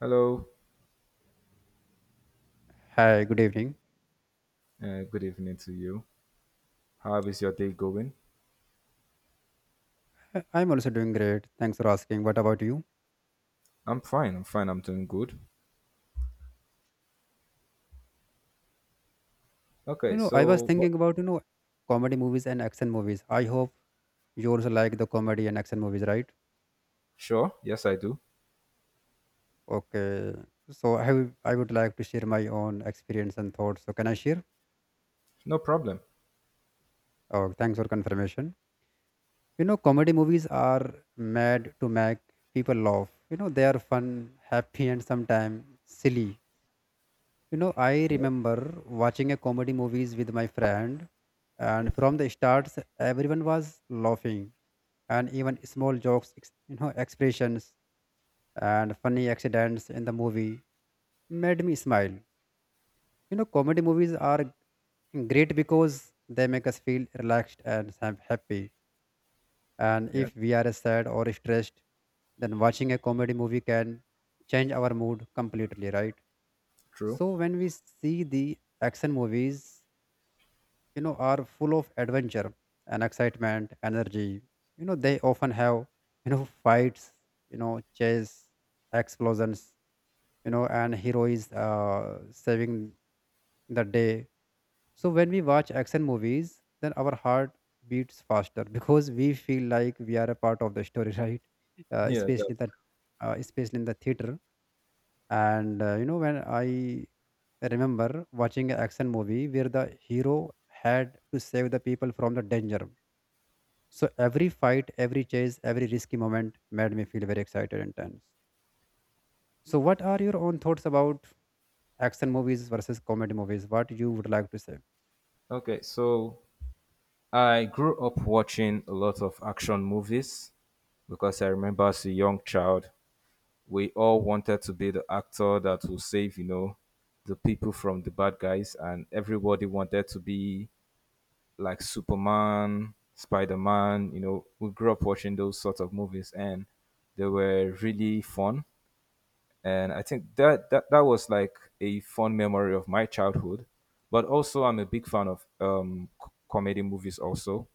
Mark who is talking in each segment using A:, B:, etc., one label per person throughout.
A: Hello,
B: Hi, good evening.
A: good evening to you. How is your day going?
B: I'm also doing great. Thanks for asking. What about you?
A: I'm fine, I'm doing good. Okay,
B: I was
A: so what?
B: thinking about, comedy movies and action movies. I hope you also like the comedy and action movies, right?
A: Sure, yes, I do.
B: Okay. I would like to share my own experience and thoughts. So can I share?
A: No problem.
B: Oh, thanks for confirmation. You know, comedy movies are made to make people laugh. You know, they are fun, happy, and sometimes silly. You know, I
A: Yeah,
B: remember watching a comedy movies with my friend, and from the starts, everyone was laughing, and even small jokes, expressions and funny accidents in the movie made me smile. You know, comedy movies are great because they make us feel relaxed and happy. And
A: yeah,
B: if we are sad or stressed, then watching a comedy movie can change our mood completely, right?
A: true.
B: So when we see the action movies, you know, are full of adventure and excitement energy. You know, they often have, you know, fights, you know, chase, explosions, you know, and heroes saving the day. So when we watch action movies, then our heart beats faster because we feel like we are a part of the story. Right. uh,
A: Yeah, that-
B: especially that Especially in the theater. And you know, when I remember watching an action movie where the hero had to save the people from the danger. So every fight, every chase, every risky moment made me feel very excited and tense. So what are your own thoughts about action movies versus comedy movies? What you would like to say?
A: okay, so I grew up watching a lot of action movies because I remember as a young child, we all wanted to be the actor that will save, you know, the people from the bad guys, and everybody wanted to be like Superman, Spider Man. You know, we grew up watching those sorts of movies, and they were really fun. And I think that that was like a fun memory of my childhood. But also, I'm a big fan of comedy movies. Also,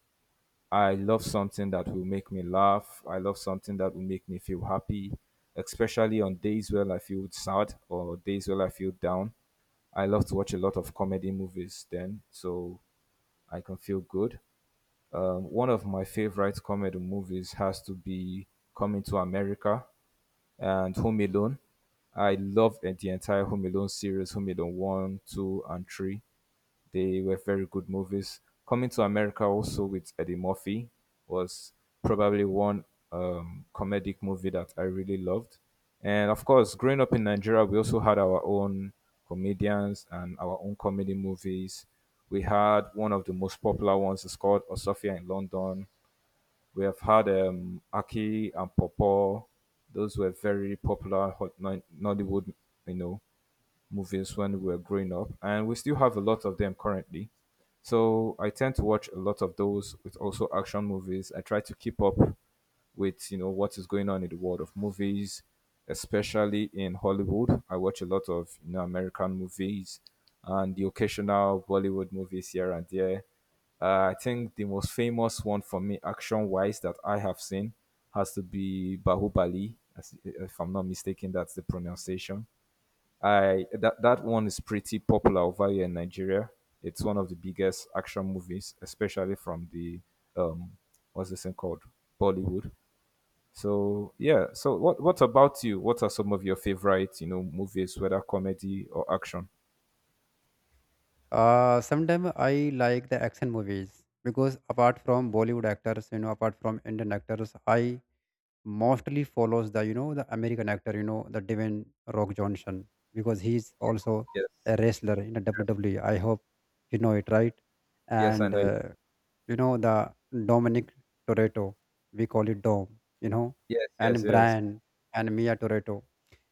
A: I love something that will make me laugh. I love something that will make me feel happy, especially on days where I feel sad or days where I feel down. I love to watch a lot of comedy movies then, so I can feel good. One of my favorite comedy movies has to be Coming to America and Home Alone. I love the entire Home Alone series, Home Alone 1, 2, and 3. They were very good movies. Coming to America also with Eddie Murphy was probably one comedic movie that I really loved. And of course, growing up in Nigeria, we also had our own comedians and our own comedy movies. We had one of the most popular ones. It's called Osofia in London. We have had Aki and Popo. Those were very popular hot Nollywood, you know, movies when we were growing up, and we still have a lot of them currently. So I tend to watch a lot of those with also action movies. I try to keep up with, you know, what is going on in the world of movies, especially in Hollywood. I watch a lot of, you know, American movies and the occasional Bollywood movies here and there. I think the most famous one for me, action wise, that I have seen has to be Bahubali. If I'm not mistaken, that's the pronunciation. I that that one is pretty popular over here in Nigeria. It's one of the biggest action movies, especially from the um what's this thing called Bollywood. So yeah. So what about you? What are some of your favorite you know movies, whether comedy or action?
B: Sometimes I like the action movies because apart from Bollywood actors, you know, apart from Indian actors, I mostly follows the, you know, the American actor, you know, the Dwayne Rock Johnson, because he's also
A: Yes.
B: a wrestler in the WWE. I hope you know it right,
A: Yes, I
B: and
A: know it.
B: you know, the Dominic Toretto, we call it Dom, you know,
A: Yes. Yes.
B: and
A: Yes.
B: Brian and Mia Toretto.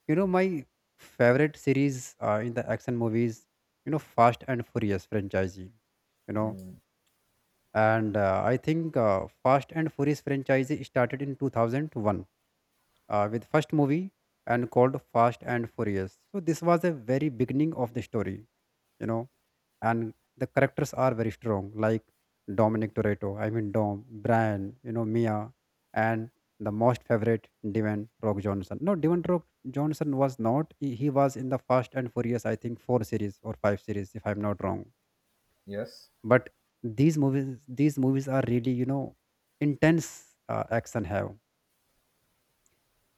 B: You know, my favorite series, in the action movies, you know, Fast and Furious franchise, you know.
A: Mm,
B: And I think Fast and Furious franchise started in 2001 with first movie and called Fast and Furious. So this was a very beginning of the story, you know, and the characters are very strong, like Dominic Toretto, I mean Dom, Brian, you know, Mia, and the most favorite Devon Rock Johnson. No, Devon Rock Johnson was not. He was in the Fast and Furious, I think, four series or five series, if I'm not wrong.
A: yes.
B: But these movies are really, you know, intense action have.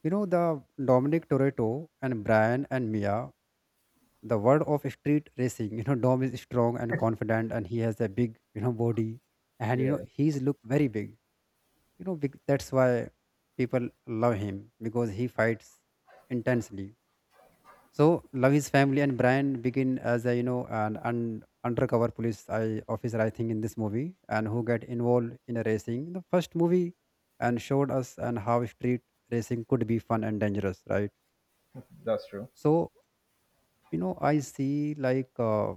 B: You know, the Dominic Toretto and Brian and Mia, the world of street racing, you know, Dom is strong and confident and he has a big, you know, body, and, you know,
A: Yeah.
B: he's look very big. You know, big, that's why people love him because he fights intensely. So love his family, and Brian begin as a, you know, an undercover police I, officer, I think, in this movie and who get involved in a racing. The first movie and showed us and how street racing could be fun and dangerous, right?
A: That's true.
B: So you know, I see like,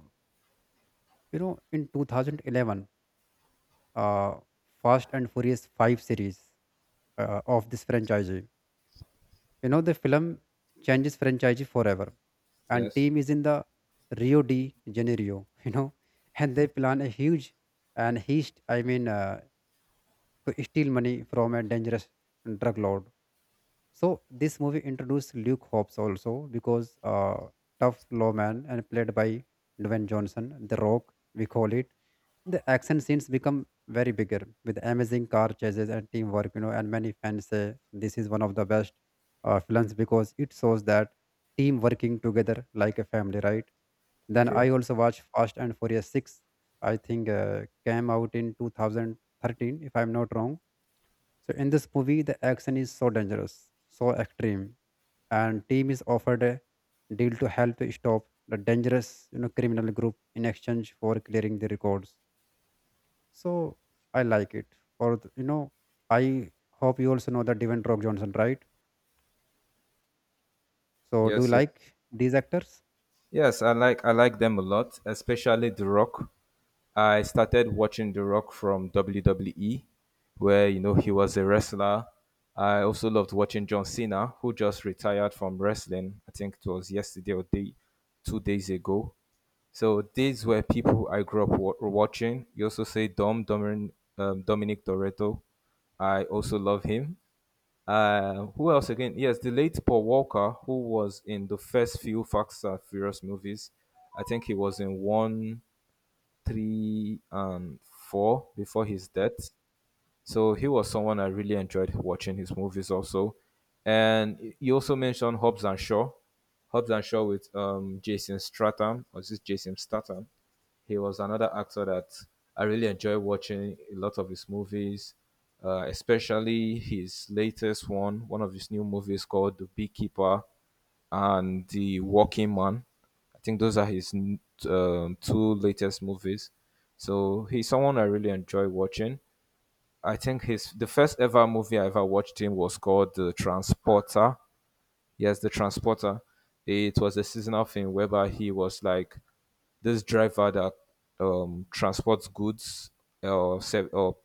B: you know, in 2011, uh, Fast and Furious 5 series of this franchise, you know, the film changes franchise forever, and
A: Yes.
B: team is in the Rio de Janeiro, you know, and they plan a huge and heist, to steal money from a dangerous drug lord. So this movie introduced Luke Hobbs also because tough lawman and played by Dwayne Johnson, The Rock, we call it. The action scenes become very bigger with amazing car chases and teamwork, you know. And many fans say this is one of the best films because it shows that team working together like a family, right? Then
A: True.
B: I also watched Fast and Furious Six. I think came out in 2013, if I'm not wrong. So in this movie, the action is so dangerous, so extreme, and team is offered a deal to help stop the dangerous, you know, criminal group in exchange for clearing the records. So I like it. Or th- you know, I hope you also know that Devin Rock Johnson, right? So do you
A: Yes. Yes.
B: like these actors?
A: Yes, I like them a lot, especially The Rock. I started watching The Rock from WWE, where you know he was a wrestler. I also loved watching John Cena, who just retired from wrestling. I think it was yesterday or day, 2 days ago. So these were people I grew up watching. You also say Dominic Toretto. I also love him. Who else again? Yes, the late Paul Walker, who was in the first few Fast and Furious movies. I think he was in one three and four before his death. So he was someone I really enjoyed watching his movies also. And you also mentioned Hobbs and Shaw. Hobbs and Shaw with Jason Stratham, or is this Jason Statham? He was another actor that I really enjoy watching a lot of his movies, especially his latest one, one of his new movies called The Beekeeper and The Walking Man. I think those are his two latest movies. So he's someone I really enjoy watching. I think his the first ever movie I ever watched him was called The Transporter. Yes, The Transporter. It was a seasonal thing whereby he was like this driver that transports goods or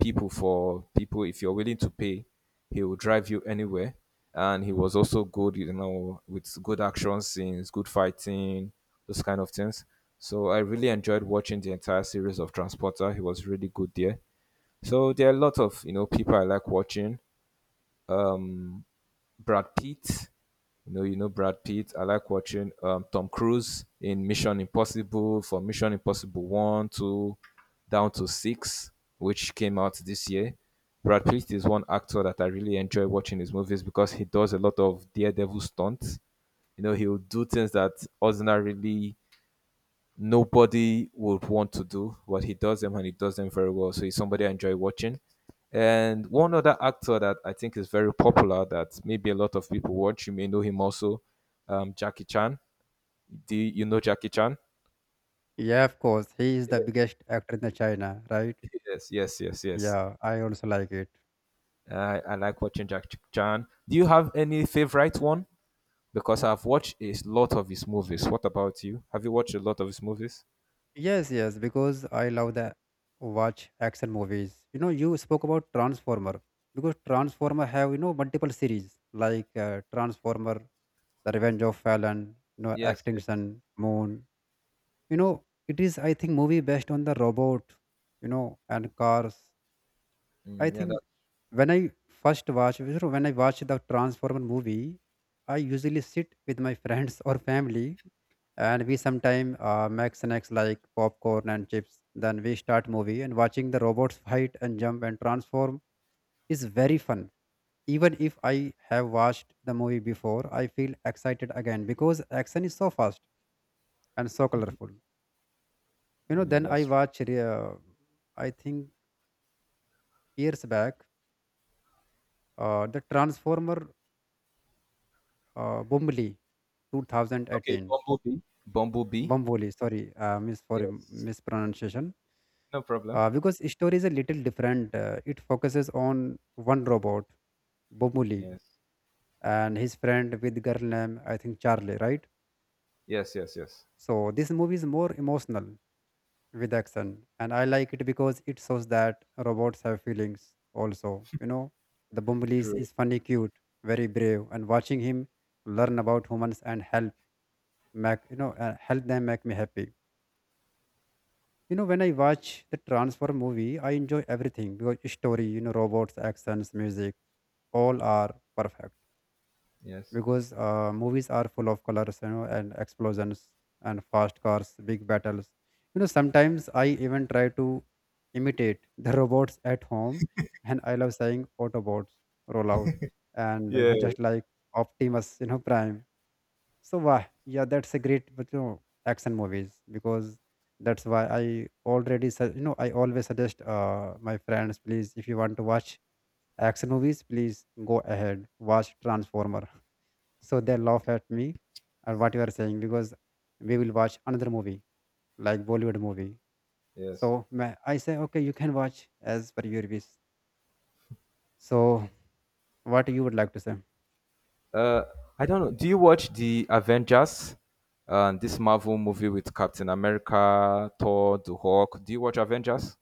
A: people for people. If you're willing to pay, he will drive you anywhere. And he was also good, you know, with good action scenes, good fighting, those kind of things. So I really enjoyed watching the entire series of Transporter. He was really good there. So there are a lot of you know people I like watching. Um, Brad Pitt, you know Brad Pitt. I like watching Tom Cruise in Mission Impossible for Mission Impossible One, Two, down to Six, which came out this year. Brad Pitt is one actor that I really enjoy watching his movies because he does a lot of daredevil stunts. You know, he'll do things that ordinarily nobody would want to do, but he does them and he does them very well. So he's somebody I enjoy watching. And one other actor that I think is very popular that maybe a lot of people watch, you may know him also, Jackie Chan. Do you know Jackie Chan?
B: Yeah, of course. He is the biggest actor in the China, right?
A: Yes, yes, yes, yes.
B: Yeah, I also like it.
A: I like watching Jackie Chan. Do you have any favorite one? Because I've watched a lot of his movies. What about you? Have you watched a lot of his movies?
B: Yes, yes, because I love the watch action movies. You know, you spoke about Transformer, because Transformer have, you know, multiple series like Transformer, The Revenge of Fallen, you know,
A: Yes, yes.
B: Extinction, Moon. You know, it is, I think, movie based on the robot, you know, and cars. I
A: Mm, yeah, that,
B: think when I first watch, you know, when I watch the Transformer movie, I usually sit with my friends or family, and we sometime make snacks like popcorn and chips, then we start movie and watching the robots fight and jump and transform is very fun. Even if I have watched the movie before, I feel excited again because action is so fast and so colorful. You know
A: yeah,
B: then I
A: that's true.
B: watch re- I think years back, the Transformer, bumbly
A: Okay,
B: 2018.
A: Bumblebee. Bumblebee.
B: Bumbly, sorry, miss for
A: Yes.
B: mispronunciation.
A: No problem.
B: Because story is a little different. It focuses on one robot, Bomuli,
A: Yes.
B: and his friend with girl name, I think, Charlie, right?
A: Yes, yes, yes.
B: So this movie is more emotional with action, and I like it because it shows that robots have feelings also. You know, the Bomuli is,
A: True.
B: is funny, cute, very brave, and watching him learn about humans and help make, you know, help them make me happy. You know, when I watch the Transform movie, I enjoy everything because story, you know, robots, actions, music, all are perfect
A: Yes.
B: because movies are full of colors, you know, and explosions and fast cars, big battles. You know, sometimes I even try to imitate the robots at home, and I love saying Autobots roll out, and, you know,
A: Yes.
B: just like Optimus, you know, Prime. So wow, yeah, that's a great but, you know, action movies because that's why I already su- you know I always suggest my friends, please, if you want to watch action movies, please go ahead, watch Transformer. So they laugh at me or what you are saying because we will watch another movie like Bollywood movie.
A: Yes.
B: I say okay, you can watch as per your wish. So what you would like to say?
A: Uh, I don't know. Do you watch the Avengers? This Marvel movie with Captain America, Thor, the Hulk. Do you watch Avengers?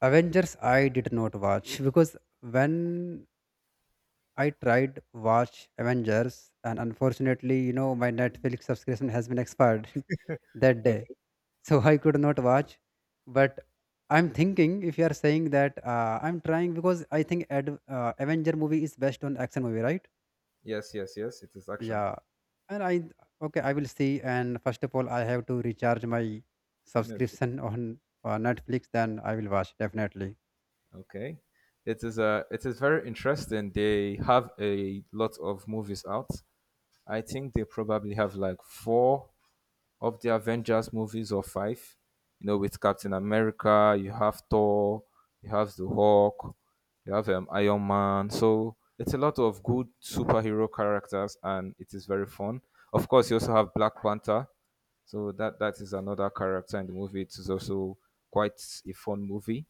B: Avengers I did not watch because when I tried watch Avengers, and unfortunately, you know, my Netflix subscription has been expired that day,
A: Okay.
B: so I could not watch. But I'm thinking, if you are saying that, I'm trying because I think Avenger movie is based on action movie, right?
A: Yes, yes, yes. It is action.
B: Yeah, and I, okay, I will see. And first of all, I have to recharge my
A: Netflix.
B: subscription on Netflix. Then I will watch definitely.
A: Okay. It is very interesting. They have a lot of movies out. I think they probably have like four of the Avengers movies or five. You know, with Captain America, you have Thor, you have the Hulk, you have Iron Man. So it's a lot of good superhero characters, and it is very fun. Of course, you also have Black Panther. So that is another character in the movie. It is also quite a fun movie.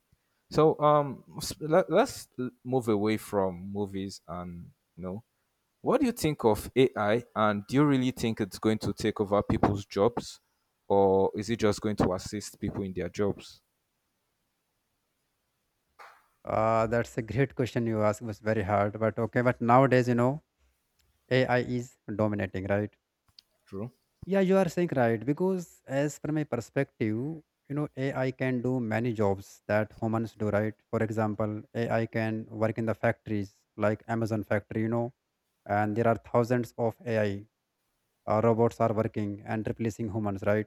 A: So let's move away from movies and you know what do you think of AI, and do you really think it's going to take over people's jobs, or is it just going to assist people in their jobs?
B: That's a great question you ask. It was very hard, but okay. But nowadays, you know, AI is dominating, right?
A: True.
B: Yeah, you are saying right because as per my perspective, you know, AI can do many jobs that humans do, right? For example, AI can work in the factories like Amazon factory, you know, and there are thousands of AI robots are working and replacing humans, right?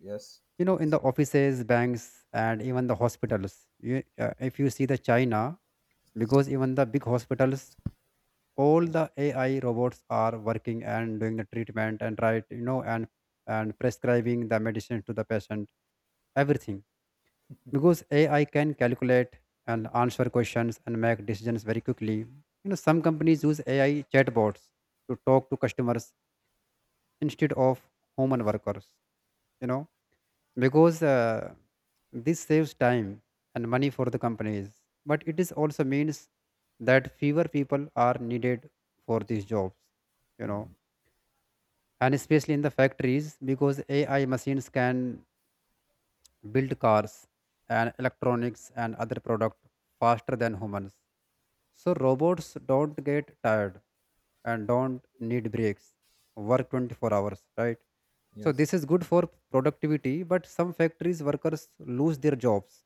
A: Yes.
B: You know, in the offices, banks, and even the hospitals. If you see the China, because even the big hospitals all the AI robots are working and doing the treatment and right, you know, and prescribing the medicine to the patient, everything. Because AI can calculate and answer questions and make decisions very quickly. You know, some companies use AI chatbots to talk to customers instead of human workers. You know, because this saves time and money for the companies, but it is also means that fewer people are needed for
A: To
B: these
A: be-
B: jobs, you know, and especially in the factories because AI machines can build cars and electronics and other products faster than humans. So robots don't get tired and don't need breaks, work 24 hours, right? So
A: Yes.
B: this is good for productivity, but some factories workers lose their jobs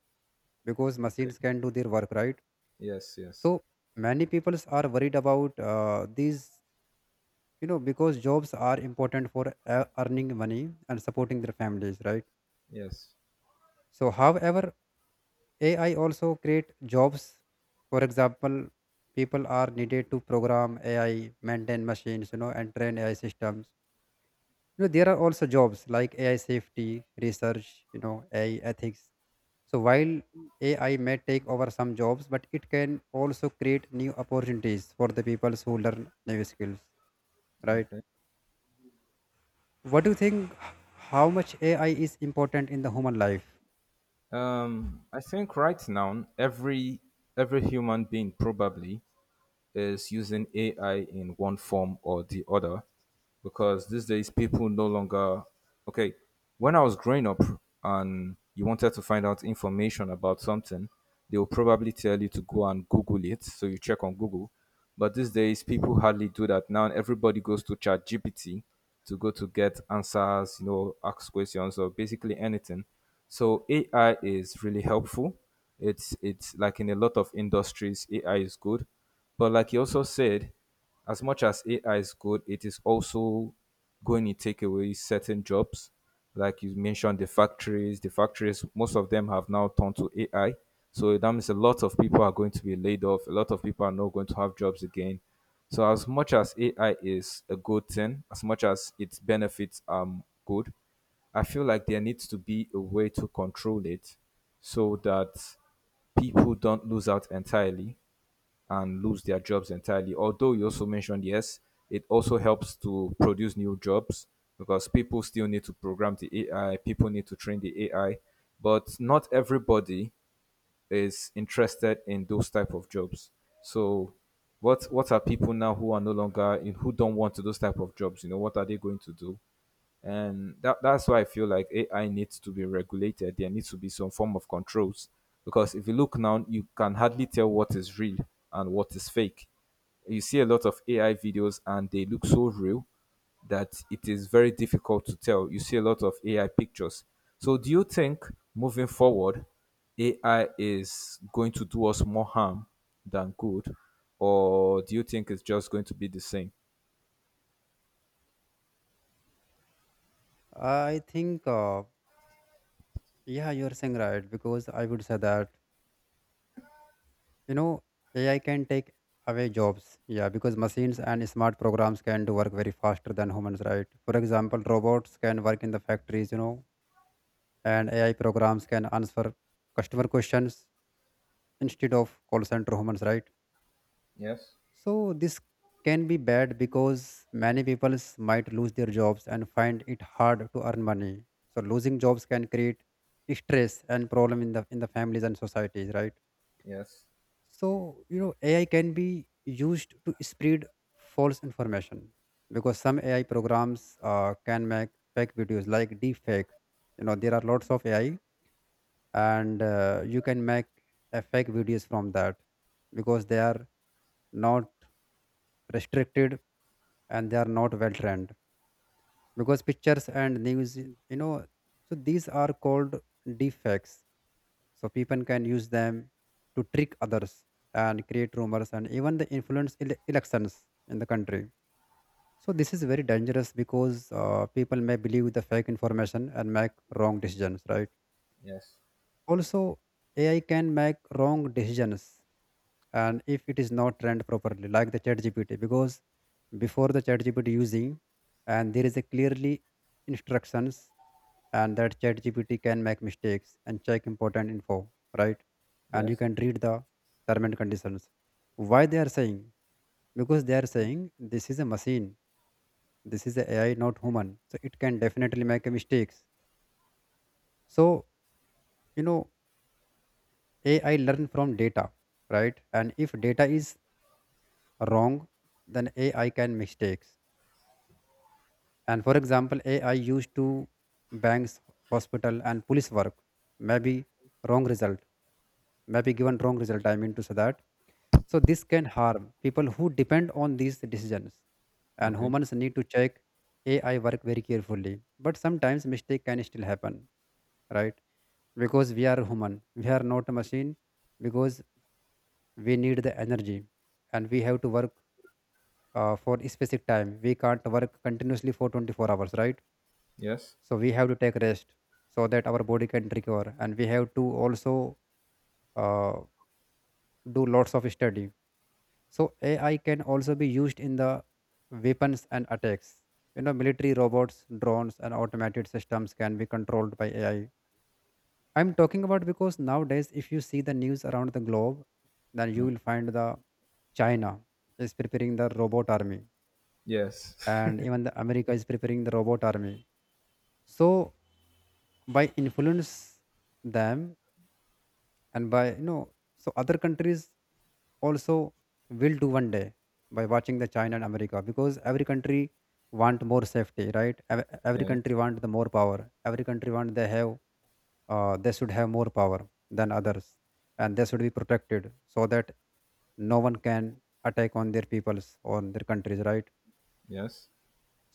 B: because
A: Okay.
B: machines can do their work, right?
A: Yes. Yes.
B: So many people are worried about these, you know, because jobs are important for earning money and supporting their families, right?
A: Yes.
B: So, however, AI also create jobs. For example, people are needed to program AI, maintain machines, you know, and train AI systems. You know, there are also jobs like AI safety, research, you know, AI ethics. So while AI may take over some jobs, but it can also create new opportunities for the people who learn new skills, right?
A: Okay.
B: What do you think? How much AI is important in the human life?
A: I think right now every human being probably is using AI in one form or the other because these days people no longer okay when I was growing up and you wanted to find out information about something, they will probably tell you to go and google it, so you check on google. But these days people hardly do that, now everybody goes to ChatGPT to go to get answers, you know, ask questions or basically anything. So AI is really helpful. It's like in a lot of industries AI is good, but like you also said, as much as AI is good, it is also going to take away certain jobs. Like you mentioned, the factories, most of them have now turned to AI. So that means a lot of people are going to be laid off. A lot of people are not going to have jobs again. So as much as AI is a good thing, as much as its benefits are good, I feel like there needs to be a way to control it so that people don't lose out entirely and lose their jobs entirely. Although you also mentioned, yes, it also helps to produce new jobs because people still need to program the AI, people need to train the AI, but not everybody is interested in those type of jobs. So what are people now who are no longer in who don't want to those type of jobs? You know, what are they going to do? And that's why I feel like AI needs to be regulated. There needs to be some form of controls. Because if you look now, you can hardly tell what is real and what is fake. You see a lot of AI videos and they look so real, that it is very difficult to tell. You see a lot of AI pictures. So, do you think moving forward, AI is going to do us more harm than good, or do you think it's just going to be the same?
B: I think yeah, you're saying right, because I would say that you know AI can take away jobs. Yeah, because machines and smart programs can do work very faster than humans, right? For example, robots can work in the factories, you know, and AI programs can answer customer questions instead of call center humans, right?
A: Yes,
B: So this can be bad because many people might lose their jobs and find it hard to earn money. So losing jobs can create stress and problem in the families and societies, right?
A: yes,
B: So, you know, AI can be used to spread false information because some AI programs can make fake videos like deepfake. You know, there are lots of AI, and you can make a fake videos from that because they are not restricted and they are not well trained. Because pictures and news, you know, so these are called deepfakes, so people can use them to trick others and create rumors and even the influence elections in the country. So this is very dangerous because people may believe the fake information and make wrong decisions, right?
A: yes,
B: Also, AI can make wrong decisions, and if it is not trained properly like the chat gpt because before the chat gpt using and there is a clearly instructions, and that ChatGPT can make mistakes and check important info, right? And you
A: yes.
B: can read the term and conditions. Why they are saying? Because they are saying this is a machine, this is a AI, not human. So it can definitely make a mistakes. So you know AI learn from data, right? And if data is wrong, then AI can mistakes. And for example, AI used to banks, hospital, and police work. Maybe wrong result. Maybe given wrong result. I mean to say that, so this can harm people who depend on these decisions. And
A: Okay.
B: humans need to check AI work very carefully. But sometimes mistake can still happen, right? Because we are human. We are not a machine, because we need the energy and we have to work for a specific time. We can't work continuously for 24 hours, right?
A: Yes,
B: So we have to take rest so that our body can recover, and we have to also uh, do lots of study. So AI can also be used in the weapons and attacks. You know, military robots, drones, and automated systems can be controlled by AI. I'm talking about because nowadays, if you see the news around the globe, then you will find the China is preparing the robot army,
A: yes.
B: and even the America is preparing the robot army. So by influence them and by you know, so other countries also will do one day by watching the China and America, because every country want more safety, right? Every
A: Yes.
B: country want the more power. Every country want they have they should have more power than others, and they should be protected so that no one can attack on their peoples, on their countries, right?
A: Yes.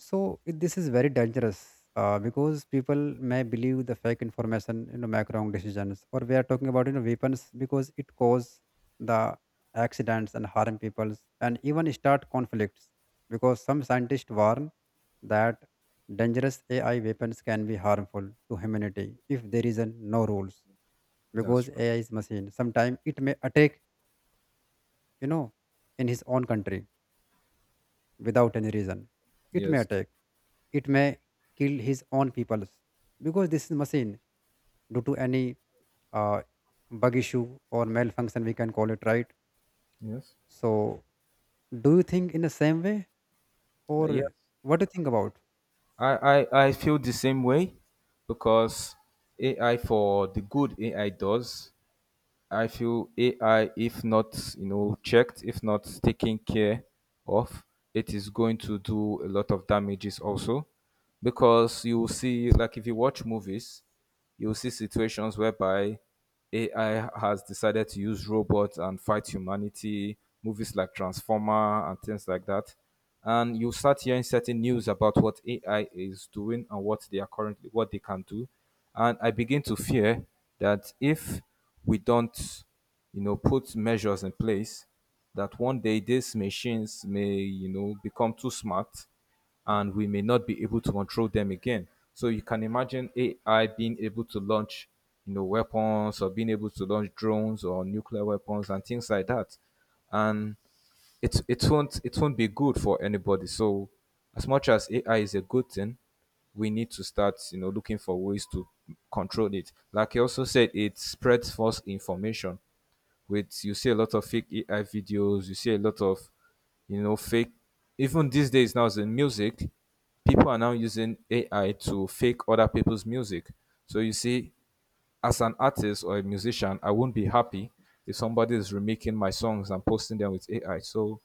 B: So this is very dangerous because people may believe the fake information, you know, make wrong decisions, or we are talking about you know weapons, because it cause the accidents and harm people, and even start conflicts because some scientists warn that dangerous AI weapons can be harmful to humanity if there is a no rules,
A: That's
B: because
A: true.
B: AI is machine. Sometimes it may attack, you know, in his own country without any reason. It may
A: Yes.
B: attack, it may kill his own people, because this is machine due to any uh, bug issue or malfunction we can call it, right.
A: Yes.
B: So do you think in the same way, or
A: Yes.
B: what do you think about?
A: I feel the same way because AI for the good AI does I feel AI, if not you know checked, if not taken care of, it is going to do a lot of damages also, because you will see like if you watch movies, you will see situations whereby AI has decided to use robots and fight humanity. Movies like Transformer and things like that, and you start hearing certain news about what AI is doing and what they can do, and I begin to fear that if we don't, you know, put measures in place that one day these machines may, you know, become too smart and we may not be able to control them again. So you can imagine AI being able to launch, you know, weapons or being able to launch drones or nuclear weapons and things like that. And it won't be good for anybody. So as much as AI is a good thing, we need to start, you know, looking for ways to control it. Like you also said, it spreads false information. With you see a lot of fake AI videos, you see a lot of, you know, fake. Even these days now, as in music, people are now using AI to fake other people's music. So you see, as an artist or a musician, I won't be happy if somebody is remaking my songs and posting them with AI. So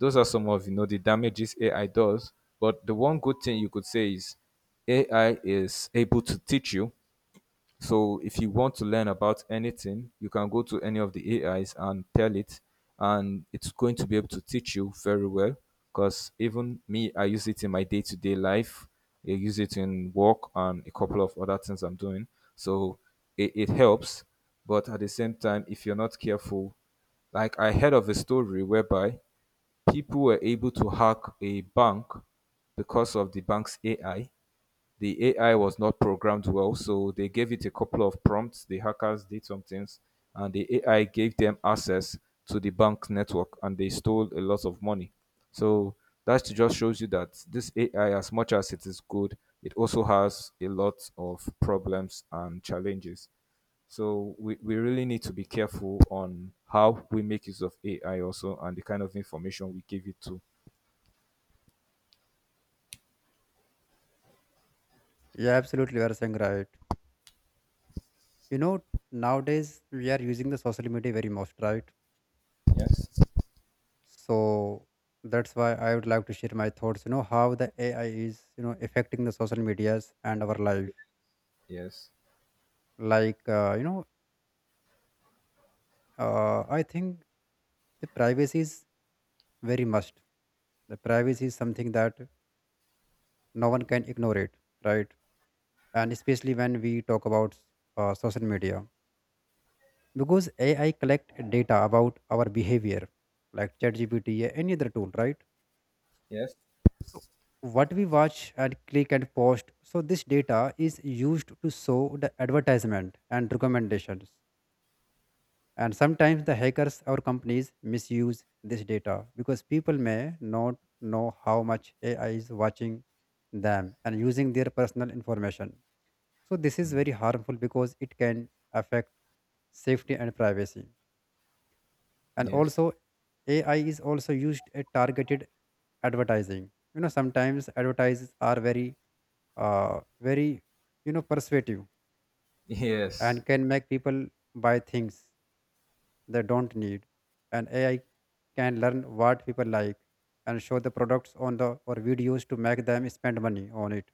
A: those are some of, you know, the damages AI does. But the one good thing you could say is AI is able to teach you. So if you want to learn about anything, you can go to any of the AIs and tell it, and it's going to be able to teach you very well. Because even me, I use it in my day to day life. I use it in work and a couple of other things I'm doing. So it helps. But at the same time, if you're not careful, like I heard of a story whereby people were able to hack a bank because of the bank's AI. The AI was not programmed well, so they gave it a couple of prompts. The hackers did some things, and the AI gave them access to the bank network, and they stole a lot of money. So that just shows you that this AI, as much as it is good, it also has a lot of problems and challenges. So we really need to be careful on how we make use of AI also and the kind of information we give it to.
B: Yeah, absolutely. You are saying right. You know, nowadays we are using the social media very much, right?
A: Yes.
B: So that's why I would like to share my thoughts. You know how the AI is, you know, affecting the social medias and our life.
A: Yes.
B: Like, you know, I think the privacy is very must. The privacy is something that no one can ignore it, right? And especially when we talk about social media, because AI collect data about our behavior, like ChatGPT, or any other tool, right?
A: Yes.
B: So what we watch and click and post, so this data is used to show the advertisement and recommendations. And sometimes the hackers or companies misuse this data because people may not know how much AI is watching them and using their personal information. So this is very harmful because it can affect safety and privacy. And
A: Yes.
B: also, AI is also used at targeted advertising. You know, sometimes advertises are very, very, you know, persuasive,
A: Yes.
B: and can make people buy things they don't need. And AI can learn what people like and show the products on the or videos to make them spend money on it.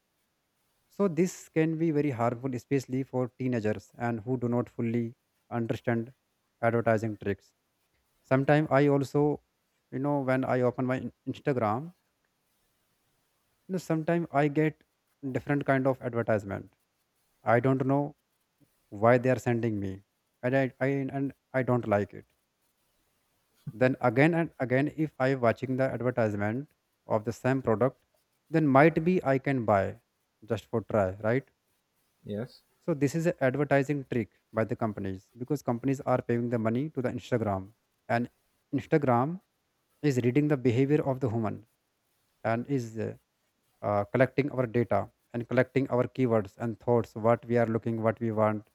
B: So this can be very harmful, especially for teenagers and who do not fully understand advertising tricks. Sometimes I also, you know, when I open my Instagram, you know, sometimes I get different kind of advertisement. I don't know why they are sending me, and I don't like it. Then again and again, if I watching the advertisement of the same product, then might be I can buy just for try, right?
A: Yes.
B: So this is an advertising trick by the companies, because companies are paying the money to the Instagram, and Instagram is reading the behavior of the human, and is collecting our data and collecting our keywords and thoughts, what we are looking, what we want,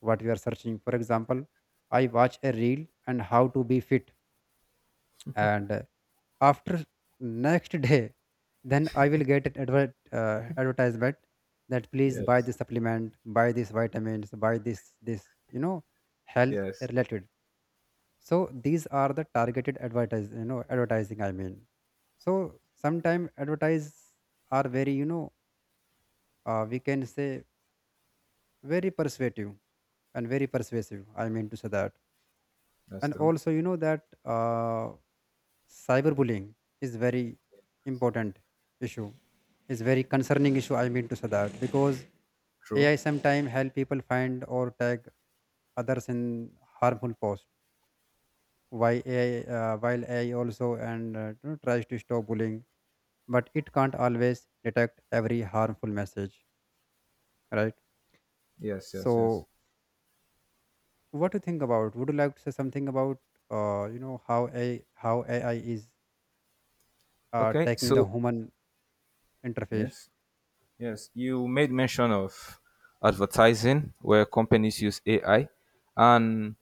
B: what we are searching. For example, I watch a reel and how to be fit, and after next day then I will get an advertisement that please buy
A: Yes.
B: this supplement, buy these vitamins, buy this you know health
A: Yes.
B: related. So these are the targeted advertise, you know, advertising I mean. So sometimes advertise are very you know, we can say very persuasive, and very persuasive I mean to say that.
A: That's
B: And
A: true.
B: also you know that cyberbullying is very important issue, is very concerning issue I mean to say that, because
A: True.
B: AI sometimes help people find or tag others in harmful posts. Why AI, while AI also and you know, tries to stop bullying, but it can't always detect every harmful message, right?
A: Yes. Yes. Yes.
B: So what do you think about, would you like to say something about you know how a how AI is
A: Okay.
B: taking the human interface.
A: Yes. Yes. You made mention of advertising where companies use AI, and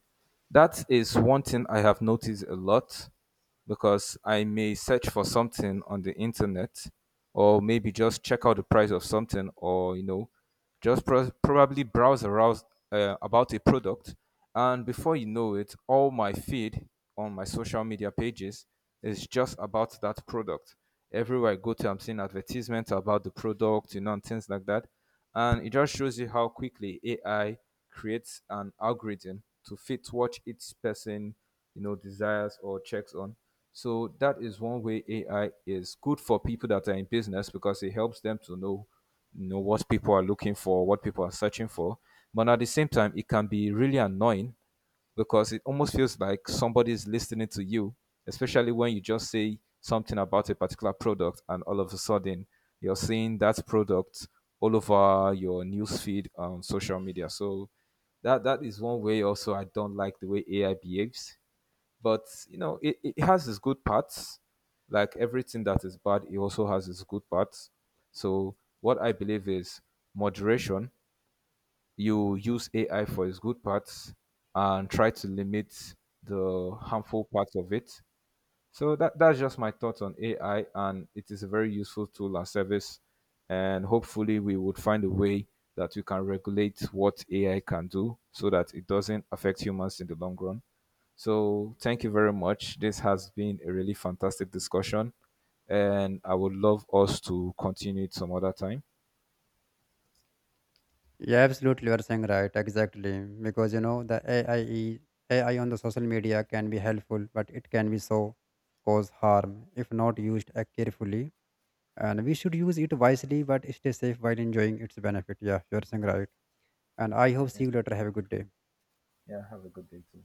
A: that is one thing I have noticed a lot because I may search for something on the internet or maybe just check out the price of something, or you know, just probably browse around about a product. And before you know it, all my feed on my social media pages is just about that product. Everywhere I go to, I'm seeing advertisements about the product, you know, and things like that. And it just shows you how quickly AI creates an algorithm to fit what each person, you know, desires or checks on. So that is one way AI is good for people that are in business, because it helps them to know, you know, what people are looking for, what people are searching for. But at the same time, it can be really annoying because it almost feels like somebody is listening to you, especially when you just say something about a particular product and all of a sudden you're seeing that product all over your newsfeed on social media. So that is one way also I don't like the way AI behaves. But you know, it has its good parts. Like everything that is bad, it also has its good parts. So what I believe is moderation. You use AI for its good parts and try to limit the harmful parts of it. So that's just my thoughts on AI, and it is a very useful tool and service. And hopefully, we would find a way that we can regulate what AI can do so that it doesn't affect humans in the long run. So thank you very much. This has been a really fantastic discussion, and I would love us to continue it some other time.
B: Yeah, absolutely. You're saying right. Exactly. Because, you know, AI on the social media can be helpful, but it can be so cause harm if not used carefully. And we should use it wisely, but stay safe while enjoying its benefit. Yeah, you're saying right. And I hope
A: Okay.
B: see you later. Have a good day.
A: Yeah. Have a good day too.